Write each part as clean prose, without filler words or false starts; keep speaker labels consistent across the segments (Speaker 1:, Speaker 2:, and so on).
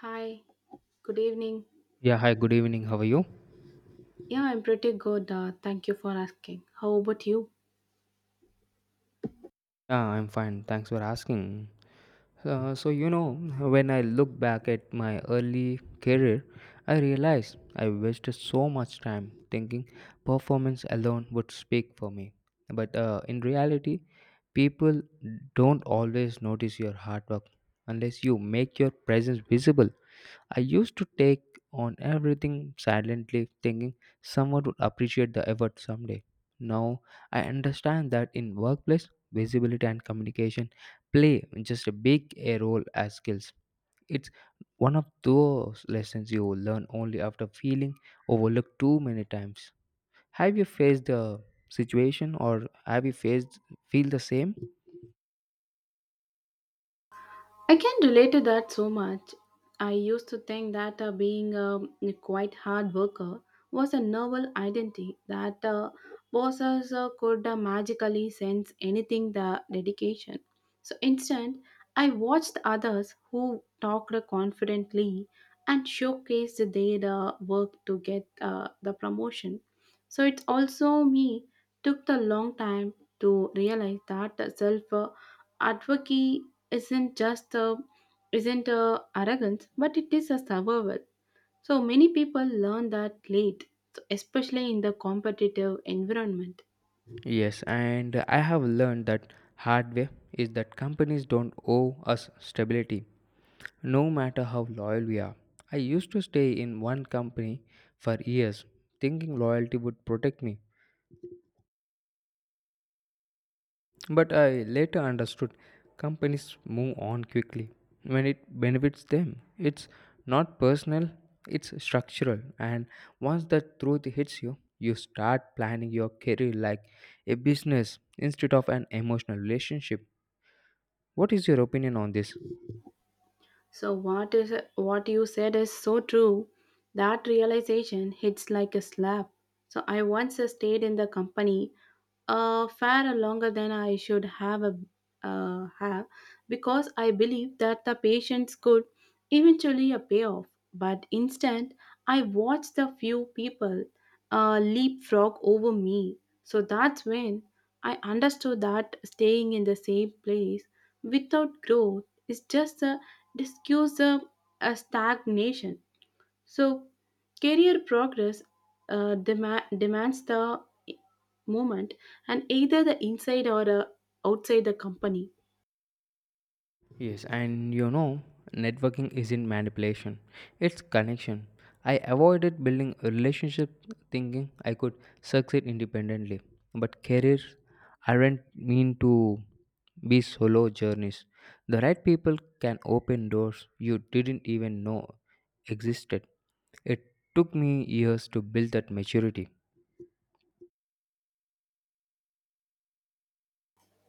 Speaker 1: Hi, good evening.
Speaker 2: Yeah, hi, good evening. How are you?
Speaker 1: Yeah, I'm pretty good. Thank you for asking. How about you?
Speaker 2: Yeah, I'm fine. Thanks for asking. Uh, so, you know, when I look back at my early career, I realized I wasted so much time thinking performance alone would speak for me. But in reality, people don't always notice your hard work unless you make your presence visible. I used to take on everything silently, thinking someone would appreciate the effort someday. Now I understand that in workplace, visibility and communication play just a big a role as skills. It's one of those lessons you learn only after feeling overlooked too many times. Have you faced the situation or have you faced feel the same?
Speaker 1: I can relate to that so much. I used to think that being a quite hard worker was a novel identity that bosses could magically sense anything the dedication. So instead, I watched others who talked confidently and showcased their work to get the promotion. So it's also me took the long time to realize that self advocacy isn't just a isn't a arrogance but it is a survival, so many people learn that late, especially in the competitive environment.
Speaker 2: Yes, and I have learned that hard way is that companies don't owe us stability. No matter how loyal we are, I used to stay in one company for years, thinking loyalty would protect me. But I later understood companies move on quickly when it benefits them. It's not personal, it's structural. And once that truth hits you, you start planning your career like a business instead of an emotional relationship. What is your opinion on this?
Speaker 1: So what is what you said is so true. That realization hits like a slap. So I once stayed in the company far longer than I should have, because I believe that the patience could eventually a payoff. But instead, I watched the few people leapfrog over me. So that's when I understood that staying in the same place without growth is just a discuss a, a stagnation. So, career progress demands the movement, and either the inside or outside the company.
Speaker 2: Yes, and you know, networking isn't manipulation, it's connection. I avoided building a relationship thinking I could succeed independently, but careers aren't mean to be solo journeys. The right people can open doors you didn't even know existed. It took me years to build that maturity.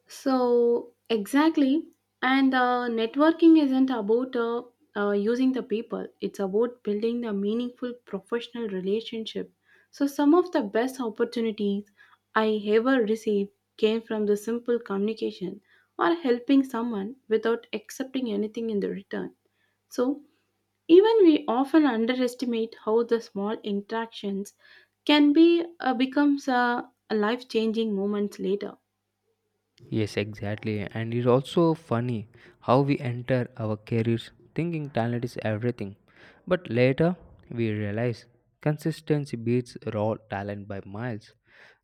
Speaker 1: So, exactly. And networking isn't about using the people, it's about building the meaningful professional relationship. So, some of the best opportunities I ever received came from the simple communication or helping someone without accepting anything in the return. So, even we often underestimate how the small interactions can be becomes a life-changing moments later.
Speaker 2: Yes, exactly. And it's also funny how we enter our careers thinking talent is everything. But later, we realize consistency beats raw talent by miles.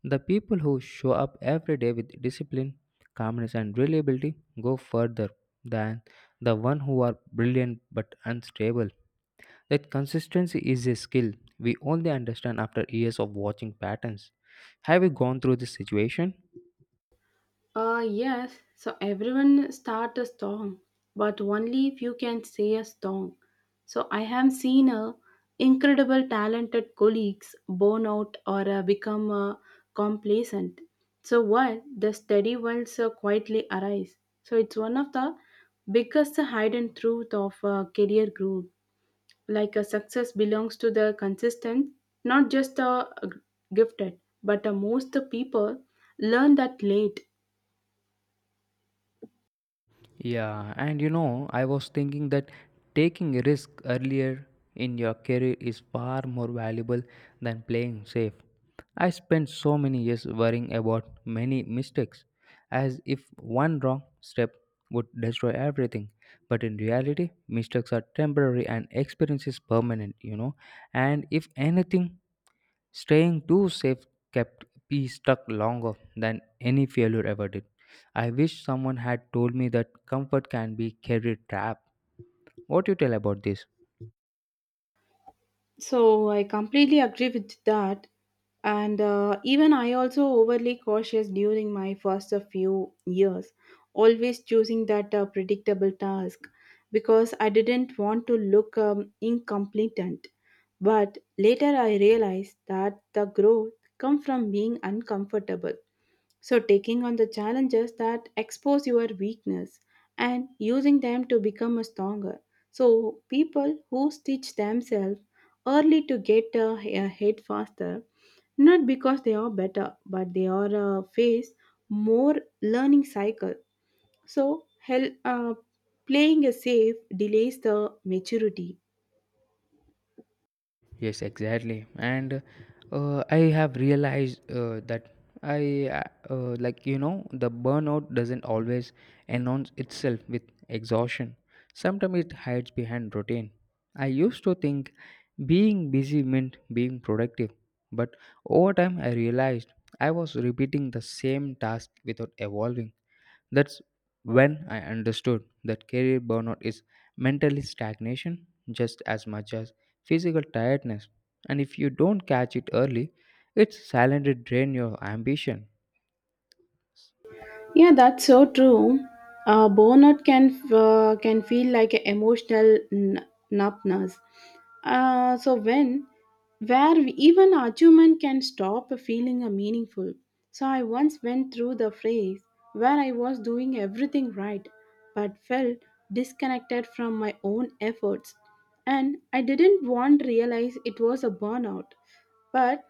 Speaker 2: The people who show up every day with discipline, calmness, and reliability go further than the one who are brilliant but unstable. That consistency is a skill we only understand after years of watching patterns. Have you gone through this situation?
Speaker 1: Yes, so everyone start a song, but only if you can say a song. So I have seen a incredible talented colleagues burn out or become complacent. So while the steady ones quietly arise. So it's one of the biggest hidden truth of career growth like a success belongs to the consistent, not just the gifted, but the most the people learn that late.
Speaker 2: Yeah, and you know, I was thinking that taking a risk earlier in your career is far more valuable than playing safe. I spent so many years worrying about many mistakes, as if one wrong step would destroy everything. But in reality, mistakes are temporary and experience is permanent, you know. And if anything, staying too safe kept me stuck longer than any failure ever did. I wish someone had told me that comfort can be career trap. What do you tell about this?
Speaker 1: I completely agree with that, and even I also overly cautious during my first few years, always choosing that predictable task because I didn't want to look incompetent. But later I realized that the growth come from being uncomfortable. So, taking on the challenges that expose your weakness and using them to become a stronger. So, people who stitch themselves early to get ahead faster, not because they are better, but they are face more learning cycle. So, playing a safe delays the maturity.
Speaker 2: Yes, exactly. And I have realized that I, like, you know, the burnout doesn't always announce itself with exhaustion. Sometimes it hides behind routine. I used to think being busy meant being productive, but over time I realized I was repeating the same task without evolving. That's when I understood that career burnout is mentally stagnation just as much as physical tiredness. And if you don't catch it early, it's silently drain your ambition.
Speaker 1: Yeah, that's so true. Burnout can feel like an emotional numbness. So when where even achievement can stop feeling a meaningful. So I once went through the phase where I was doing everything right, but felt disconnected from my own efforts, and I didn't want realize it was a burnout. But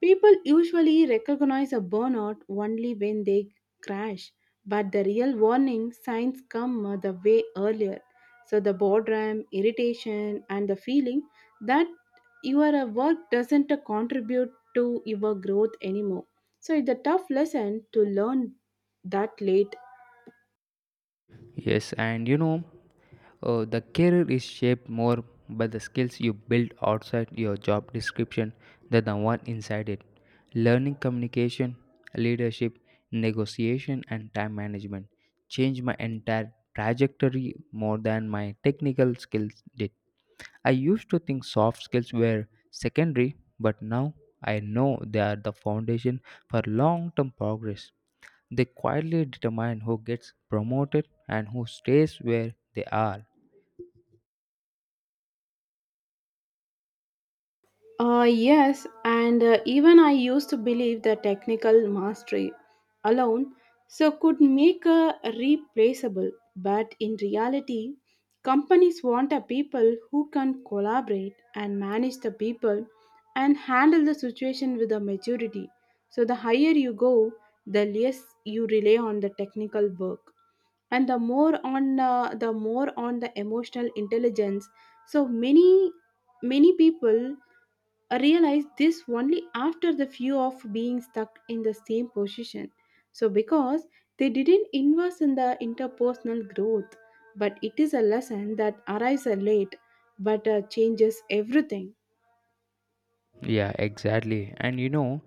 Speaker 1: people usually recognize a burnout only when they crash, but the real warning signs come the way earlier. So, the boredom, irritation, and the feeling that your work doesn't contribute to your growth anymore. So, it's a tough lesson to learn that late.
Speaker 2: Yes, and you know, oh, the career is shaped more by the skills you build outside your job description than the one inside it. Learning communication, leadership, negotiation, and time management changed my entire trajectory more than my technical skills did. I used to think soft skills were secondary, but now I know they are the foundation for long term progress. They quietly determine who gets promoted and who stays where they are.
Speaker 1: Yes, and even I used to believe that technical mastery alone so could make a replaceable, but in reality, companies want a people who can collaborate and manage the people and handle the situation with a maturity. So the higher you go, the less you rely on the technical work and the more on the emotional intelligence, so many many people I realized this only after the fear of being stuck in the same position. So, because they didn't invest in the interpersonal growth, but it is a lesson that arrives late but changes everything.
Speaker 2: Yeah, exactly. And you know,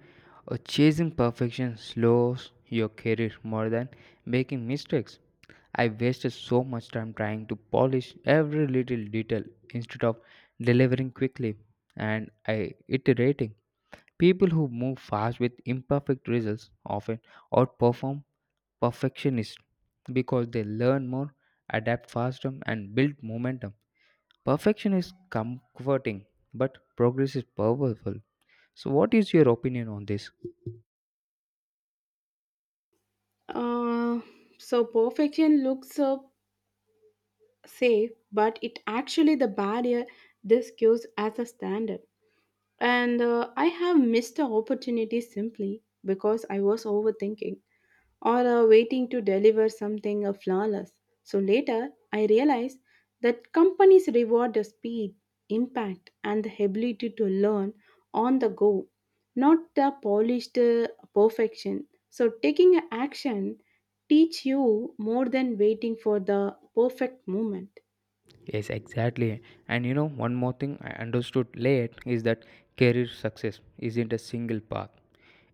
Speaker 2: uh, Chasing perfection slows your career more than making mistakes. I wasted so much time trying to polish every little detail instead of delivering quickly and I iterating. People who move fast with imperfect results often outperform perfectionists because they learn more, adapt faster, and build momentum. Perfection is comforting, but progress is powerful. So, what is your opinion on this?
Speaker 1: Uh, so, perfection looks safe, but it actually the barrier this gives as a standard. And I have missed the opportunity simply because I was overthinking, or waiting to deliver something flawless. So later, I realized that companies reward the speed, impact, and the ability to learn on the go, not the polished perfection. So taking a action teach you more than waiting for the perfect moment.
Speaker 2: Yes, exactly. And you know, one more thing I understood late is that career success isn't a single path,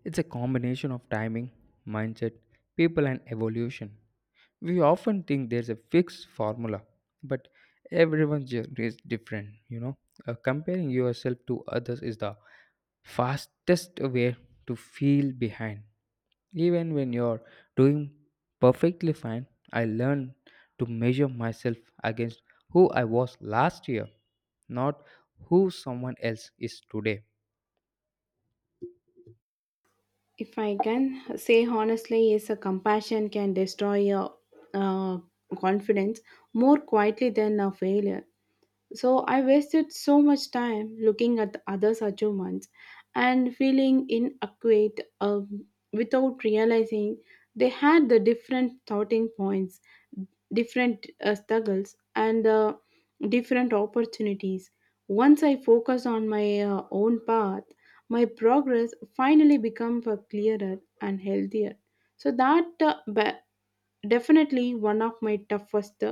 Speaker 2: it's a combination of timing, mindset, people, and evolution. We often think there's a fixed formula, but everyone's journey is different, you know. Comparing yourself to others is the fastest way to feel behind even when you're doing perfectly fine. I learn to measure myself against who I was last year, not who someone else is today.
Speaker 1: If I can say honestly, is a compassion can destroy your uh, confidence more quietly than a failure. So I wasted so much time looking at the others' achievements and feeling inadequate without realizing they had the different starting points, different struggles, and different opportunities. Once I focused on my own path, my progress finally became clearer and healthier. So that definitely one of my toughest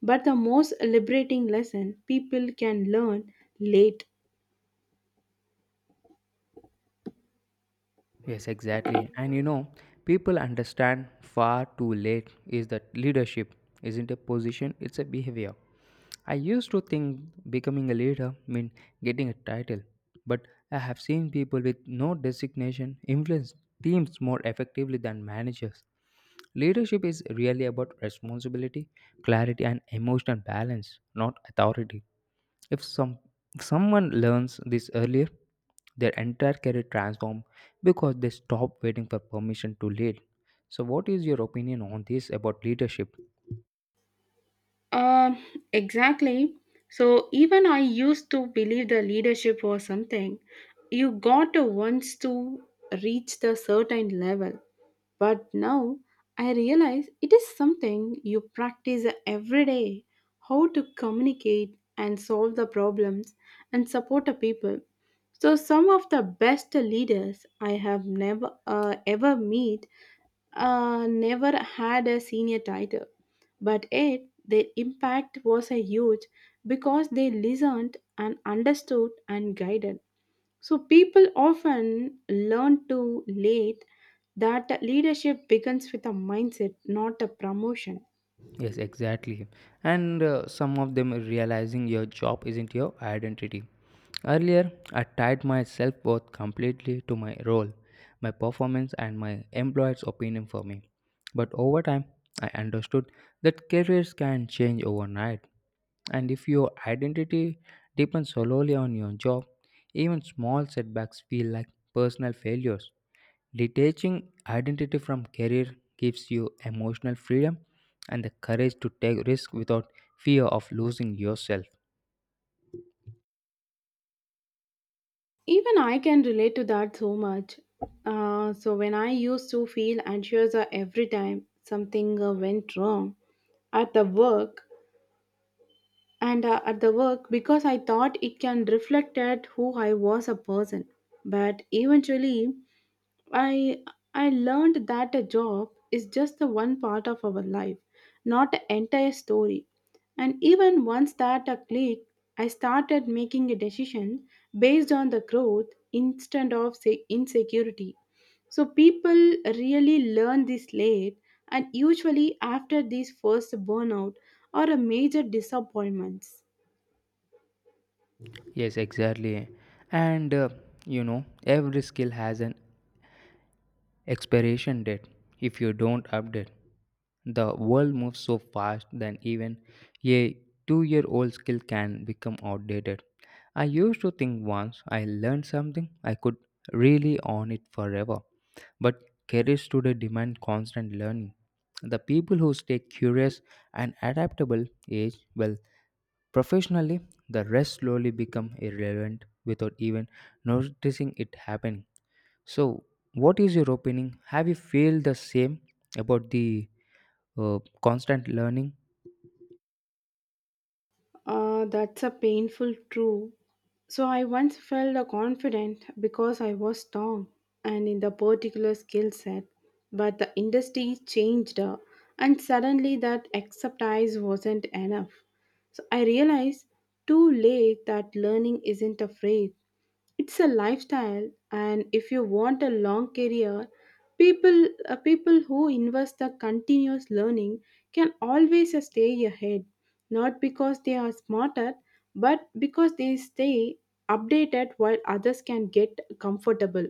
Speaker 1: but the most liberating lesson people can learn late.
Speaker 2: Yes, exactly. And you know, people understand far too late is that leadership isn't a position, it's a behavior. I used to think becoming a leader meant getting a title, but I have seen people with no designation influence teams more effectively than managers. Leadership is really about responsibility, clarity, and emotional balance, not authority. If some if someone learns this earlier, their entire career transform because they stop waiting for permission to lead. So, what is your opinion on this about leadership?
Speaker 1: Um, exactly. So even I used to believe the leadership was something you got to once to reach the certain level. But now I realize it is something you practice every day, how to communicate and solve the problems and support the people. So some of the best leaders I have never ever meet never had a senior title, but yet their impact was a huge because they listened and understood and guided. So people often learn too late that leadership begins with a mindset, not a promotion.
Speaker 2: Yes, exactly. And some of them realizing your job isn't your identity. Earlier, I tied my self worth completely to my role, my performance, and my employer's opinion for me. But over time, I understood that careers can change overnight. And if your identity depends solely on your job, even small setbacks feel like personal failures. Detaching identity from career gives you emotional freedom and the courage to take risk without fear of losing yourself.
Speaker 1: Even I can relate to that so much. So when I used to feel anxious every time something went wrong at the work, and at the work because I thought it can reflect at who I was a person. But eventually, I I learned that a job is just the one part of our life, not the entire story. And even once that a click, I started making a decision based on the growth instead of say insecurity. So people really learn this late, and usually after these first burnout or a major disappointments.
Speaker 2: Yes, exactly. And uh, every skill has an expiration date if you don't update. The world moves so fast that even a 2-year old skill can become outdated. I used to think once I learned something, I could really own it forever. But careers today demand constant learning. The people who stay curious and adaptable age well professionally, the rest slowly become irrelevant without even noticing it happening. So, what is your opinion? Have you feel the same about the constant learning?
Speaker 1: That's a painful truth. So I once felt confident because I was strong and in the particular skill set, but the industry changed and suddenly that expertise wasn't enough. So I realized too late that learning isn't a phrase, it's a lifestyle, and if you want a long career, people who invest the continuous learning can always stay ahead. Not because they are smarter, but because they stay updated while others can get comfortable.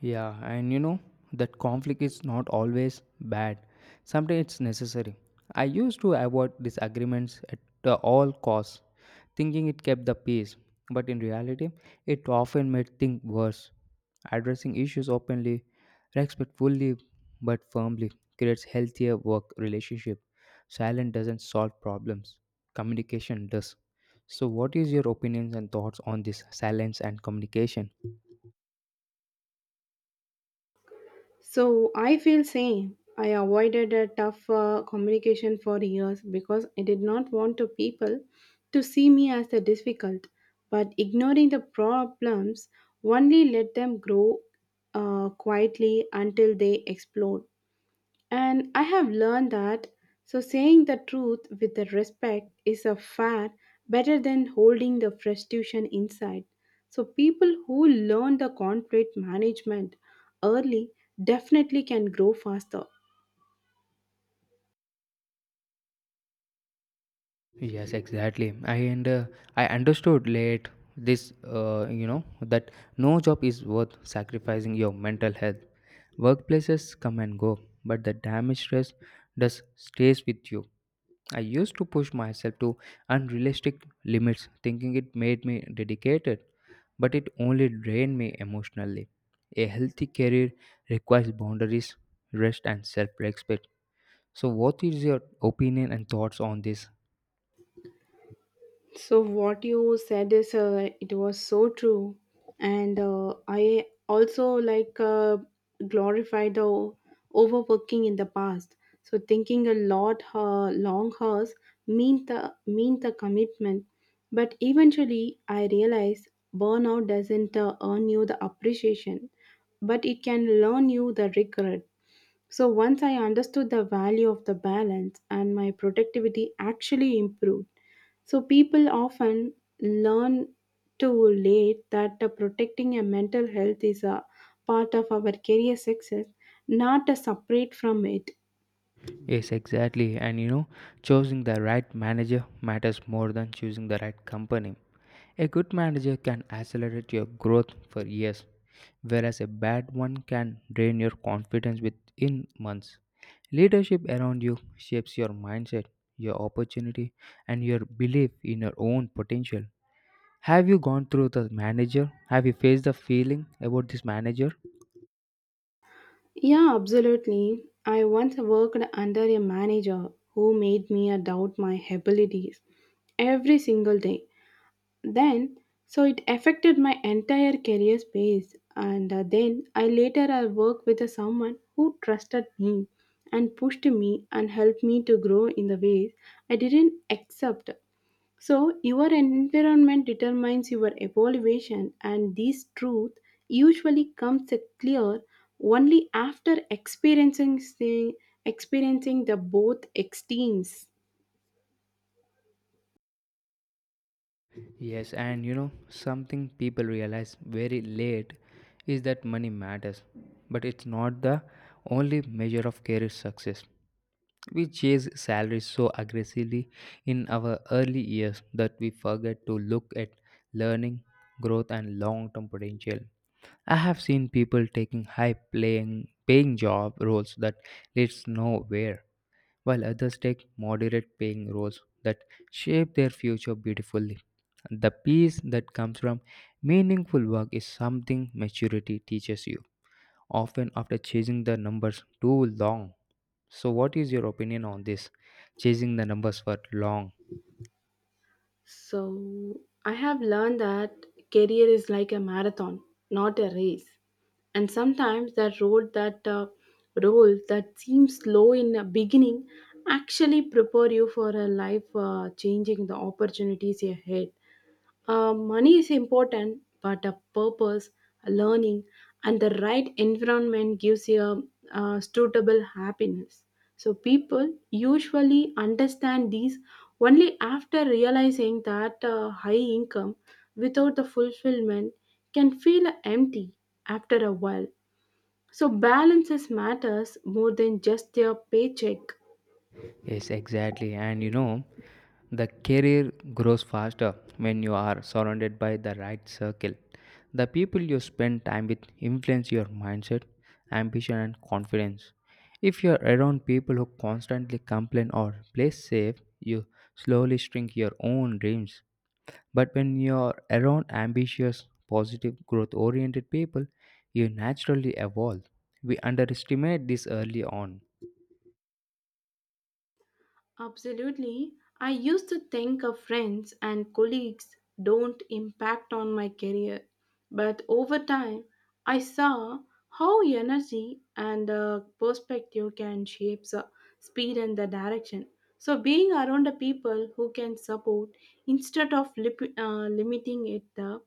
Speaker 2: Yeah, and you know that conflict is not always bad. Sometimes it's necessary. I used to avoid disagreements at all costs, thinking it kept the peace, but in reality, it often made things worse. Addressing issues openly, respectfully but firmly creates healthier work relationship. Silence doesn't solve problems. Communication does. So what is your opinions and thoughts on this silence and communication?
Speaker 1: So I feel same. I avoided a tough communication for years because I did not want to people to see me as the difficult. But ignoring the problems only let them grow quietly until they explode. And I have learned that so saying the truth with the respect is a far better than holding the frustration inside. So people who learn the conflict management early definitely can grow faster.
Speaker 2: Yes, exactly. I understood late this, that no job is worth sacrificing your mental health. Workplaces come and go, but the damage stress does stays with you. I used to push myself to unrealistic limits, thinking it made me dedicated, but it only drained me emotionally. A healthy career requires boundaries, rest, and self-respect. So, what is your opinion and thoughts on this?
Speaker 1: So what you said is it was so true, and I also like glorify the overworking in the past. So thinking a lot long hours mean the commitment, but eventually I realize burnout doesn't earn you the appreciation, but it can learn you the regret. So once I understood the value of the balance, and my productivity actually improved. So people often learn too late that protecting your mental health is a part of our career success, not a separate from it.
Speaker 2: Yes, exactly. And you know, choosing the right manager matters more than choosing the right company. A good manager can accelerate your growth for years, whereas a bad one can drain your confidence within months. Leadership around you shapes your mindset, your opportunity, and your belief in your own potential. Have you gone through the manager? Have you faced the feeling about this manager?
Speaker 1: Yeah, absolutely. I once worked under a manager who made me doubt my abilities every single day. Then so it affected my entire career space, and then I later I worked with someone who trusted me and pushed me and helped me to grow in the ways I didn't accept. So your environment determines your evaluation, and this truth usually comes clear only after experiencing the both extremes.
Speaker 2: Yes, and you know, something people realize very late is that money matters, but it's not the only measure of career success. We chase salaries so aggressively in our early years that we forget to look at learning, growth, and long term potential. I have seen people taking high playing, paying job roles that leads nowhere while others take moderate paying roles that shape their future beautifully. The peace that comes from meaningful work is something maturity teaches you, often after chasing the numbers too long. So, what is your opinion on this? Chasing the numbers for long.
Speaker 1: So I have learned that career is like a marathon, not a race. And sometimes that road that role that seems slow in the beginning actually prepare you for a life changing the opportunities ahead. Money is important, but a purpose, a learning, and the right environment gives you suitable happiness. So people usually understand these only after realizing that high income without the fulfillment can feel empty after a while. So balances matters more than just their paycheck.
Speaker 2: Yes, exactly, and you know, the career grows faster when you are surrounded by the right circle. The people you spend time with influence your mindset, ambition, and confidence. If you're around people who constantly complain or play safe, you slowly shrink your own dreams. But when you're around ambitious, positive, growth oriented people, you naturally evolve. We underestimate this early on.
Speaker 1: Absolutely. I used to think of friends and colleagues don't impact on my career, but over time I saw how energy and perspective can shape the speed and the direction. So being around the people who can support instead of limiting it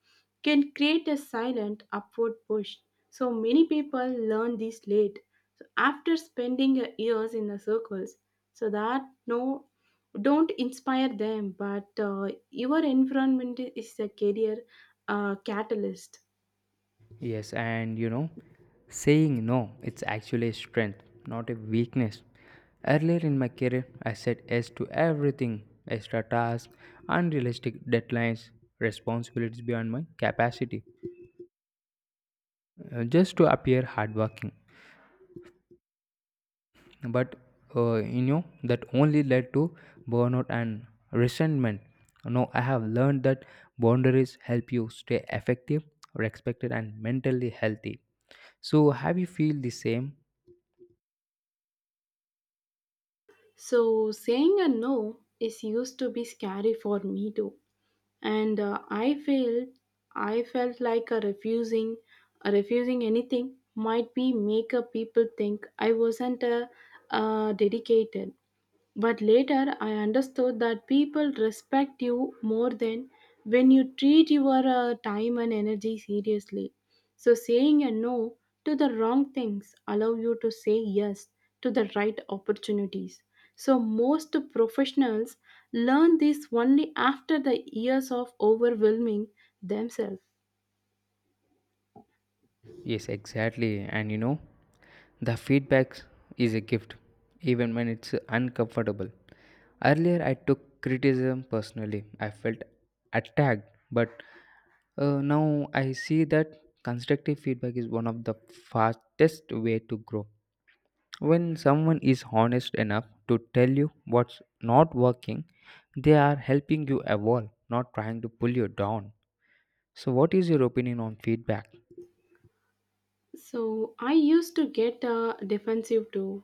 Speaker 1: can create a silent upward push. So many people learn this late. So after spending years in the circles so that no don't inspire them, but your environment is a career catalyst.
Speaker 2: Yes, and you know, saying no, it's actually a strength, not a weakness. Earlier in my career, I said yes to everything extra tasks, unrealistic deadlines, responsibilities beyond my capacity, just to appear hardworking. But that only led to burnout and resentment. Now, I have learned that boundaries help you stay effective, respected, and mentally healthy. So, have you feel the same?
Speaker 1: So saying a no is used to be scary for me too, and I felt like a refusing anything might be make a people think I wasn't dedicated. But later I understood that people respect you more than when you treat your time and energy seriously. So saying a no to the wrong things allow you to say yes to the right opportunities. So most professionals learn this only after the years of overwhelming themselves.
Speaker 2: Yes, exactly. And you know, the feedback is a gift, even when it's uncomfortable. Earlier, I took criticism personally. I felt attacked, but now I see that constructive feedback is one of the fastest way to grow. When someone is honest enough to tell you what's not working, they are helping you evolve, not trying to pull you down. So, what is your opinion on feedback?
Speaker 1: So I used to get defensive too,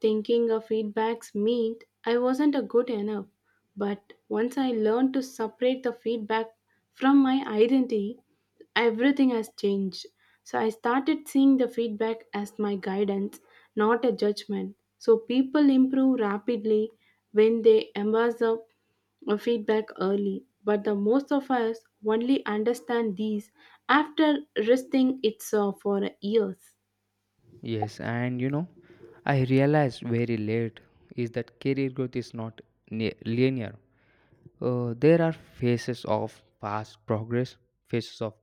Speaker 1: thinking feedbacks meant I wasn't a good enough. But once I learned to separate the feedback from my identity, everything has changed. So I started seeing the feedback as my guidance, not a judgment. So people improve rapidly when they embrace the feedback early, but the most of us only understand these after resting it for years.
Speaker 2: Yes, and you know, I realized very late is that career growth is not linear. There are phases of fast progress, phases of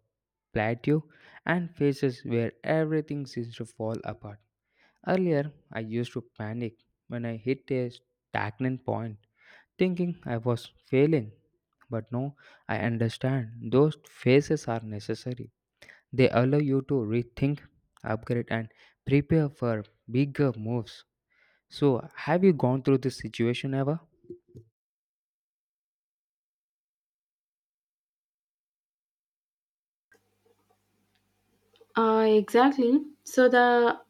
Speaker 2: plateau, and phases where everything seems to fall apart. Earlier, I used to panic when I hit a stagnant point, thinking I was failing. But now I understand those phases are necessary. They allow you to rethink, upgrade, and prepare for bigger moves. So, have you gone through this situation ever?
Speaker 1: Exactly. So the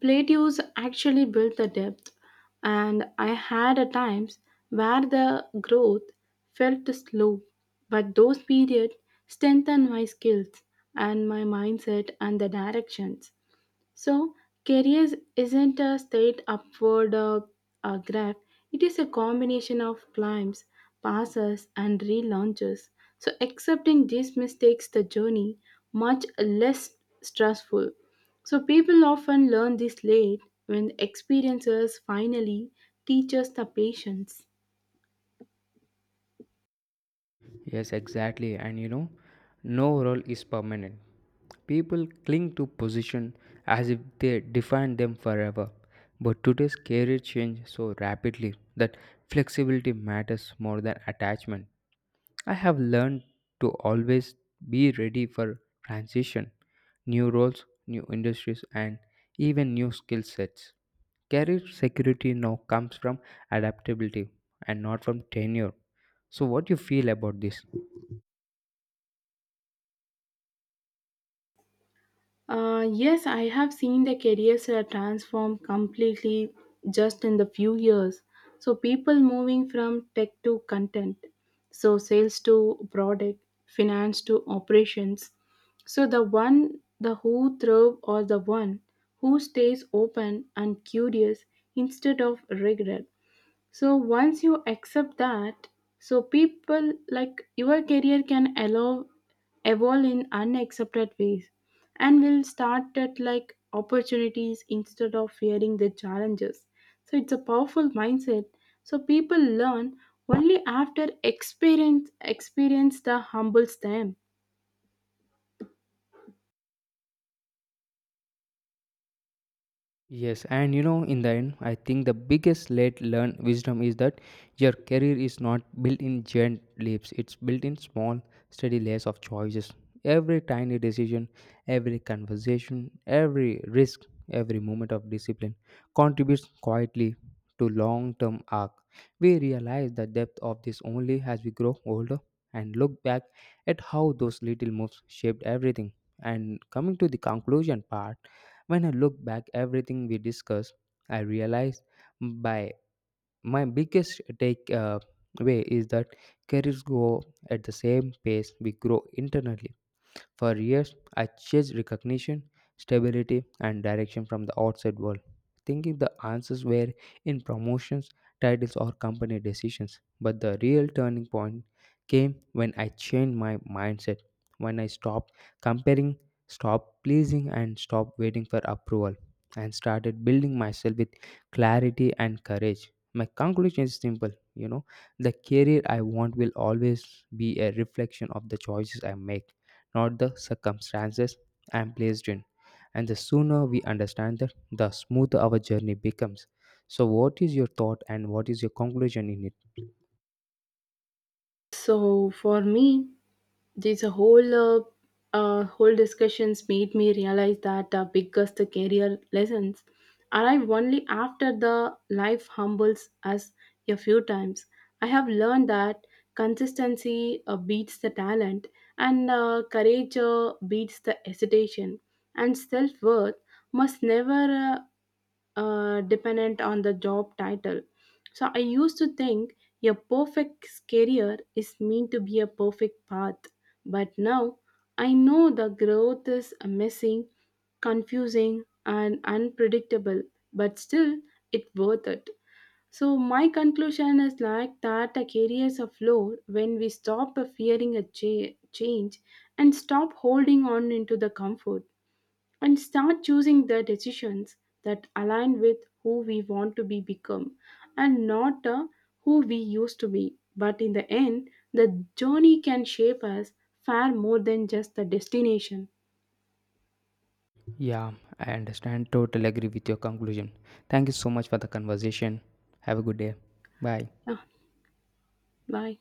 Speaker 1: plateaus actually built the depth, and I had at times where the growth felt slow, but those periods strengthened my skills and my mindset and the directions. So, careers isn't a straight upward graph, it is a combination of climbs, passes, and relaunches. So, accepting this mistakes the journey much less stressful. So, people often learn this late when experiences finally teach us the patience.
Speaker 2: Yes, exactly. And you know, no role is permanent. People cling to position as if they define them forever. But today's career change so rapidly that flexibility matters more than attachment. I have learned to always be ready for transition, new roles, new industries, and even new skill sets. Career security now comes from adaptability and not from tenure. So, what do you feel about this?
Speaker 1: Yes, I have seen the careers transform completely just in the few years. So people moving from tech to content, so sales to product, finance to operations. So the one the who thrive or the one who stays open and curious instead of regret. So once you accept that, so people like your career can allow evolve in unaccepted ways and will start at like opportunities instead of fearing the challenges. So it's a powerful mindset, so people learn only after experience the humbles them.
Speaker 2: Yes, and you know, in the end, I think the biggest late learned wisdom is that your career is not built in giant leaps, it's built in small, steady layers of choices. Every tiny decision, every conversation, every risk, every moment of discipline contributes quietly to long term arc. We realize the depth of this only as we grow older and look back at how those little moves shaped everything. And coming to the conclusion part, when I look back everything we discussed, I realize by my biggest take way is that careers grow at the same pace we grow internally. For years, I chased recognition, stability, and direction from the outside world, thinking the answers were in promotions, titles, or company decisions. But the real turning point came when I changed my mindset, when I stopped comparing, stopped pleasing, and stopped waiting for approval, and started building myself with clarity and courage. My conclusion is simple, you know, the career I want will always be a reflection of the choices I make, not the circumstances I am placed in. And the sooner we understand that, the smoother our journey becomes. So, what is your thought and what is your conclusion in it?
Speaker 1: So for me, this whole discussions made me realize that the biggest career lessons arrive only after the life humbles us a few times. I have learned that consistency beats the talent, and courage beats the hesitation, and self worth must never uh, dependent on the job title. So I used to think a perfect career is meant to be a perfect path, but now I know the growth is messy, confusing, and unpredictable, but still it's worth it. So my conclusion is like that a career is a floor when we stop fearing a change and stop holding on into the comfort and start choosing the decisions that align with who we want to be become, and not who we used to be, but in the end the journey can shape us far more than just the destination.
Speaker 2: Yeah, I understand. Totally agree with your conclusion. Thank you so much for the conversation. Have a good day. Bye.
Speaker 1: Ah, bye.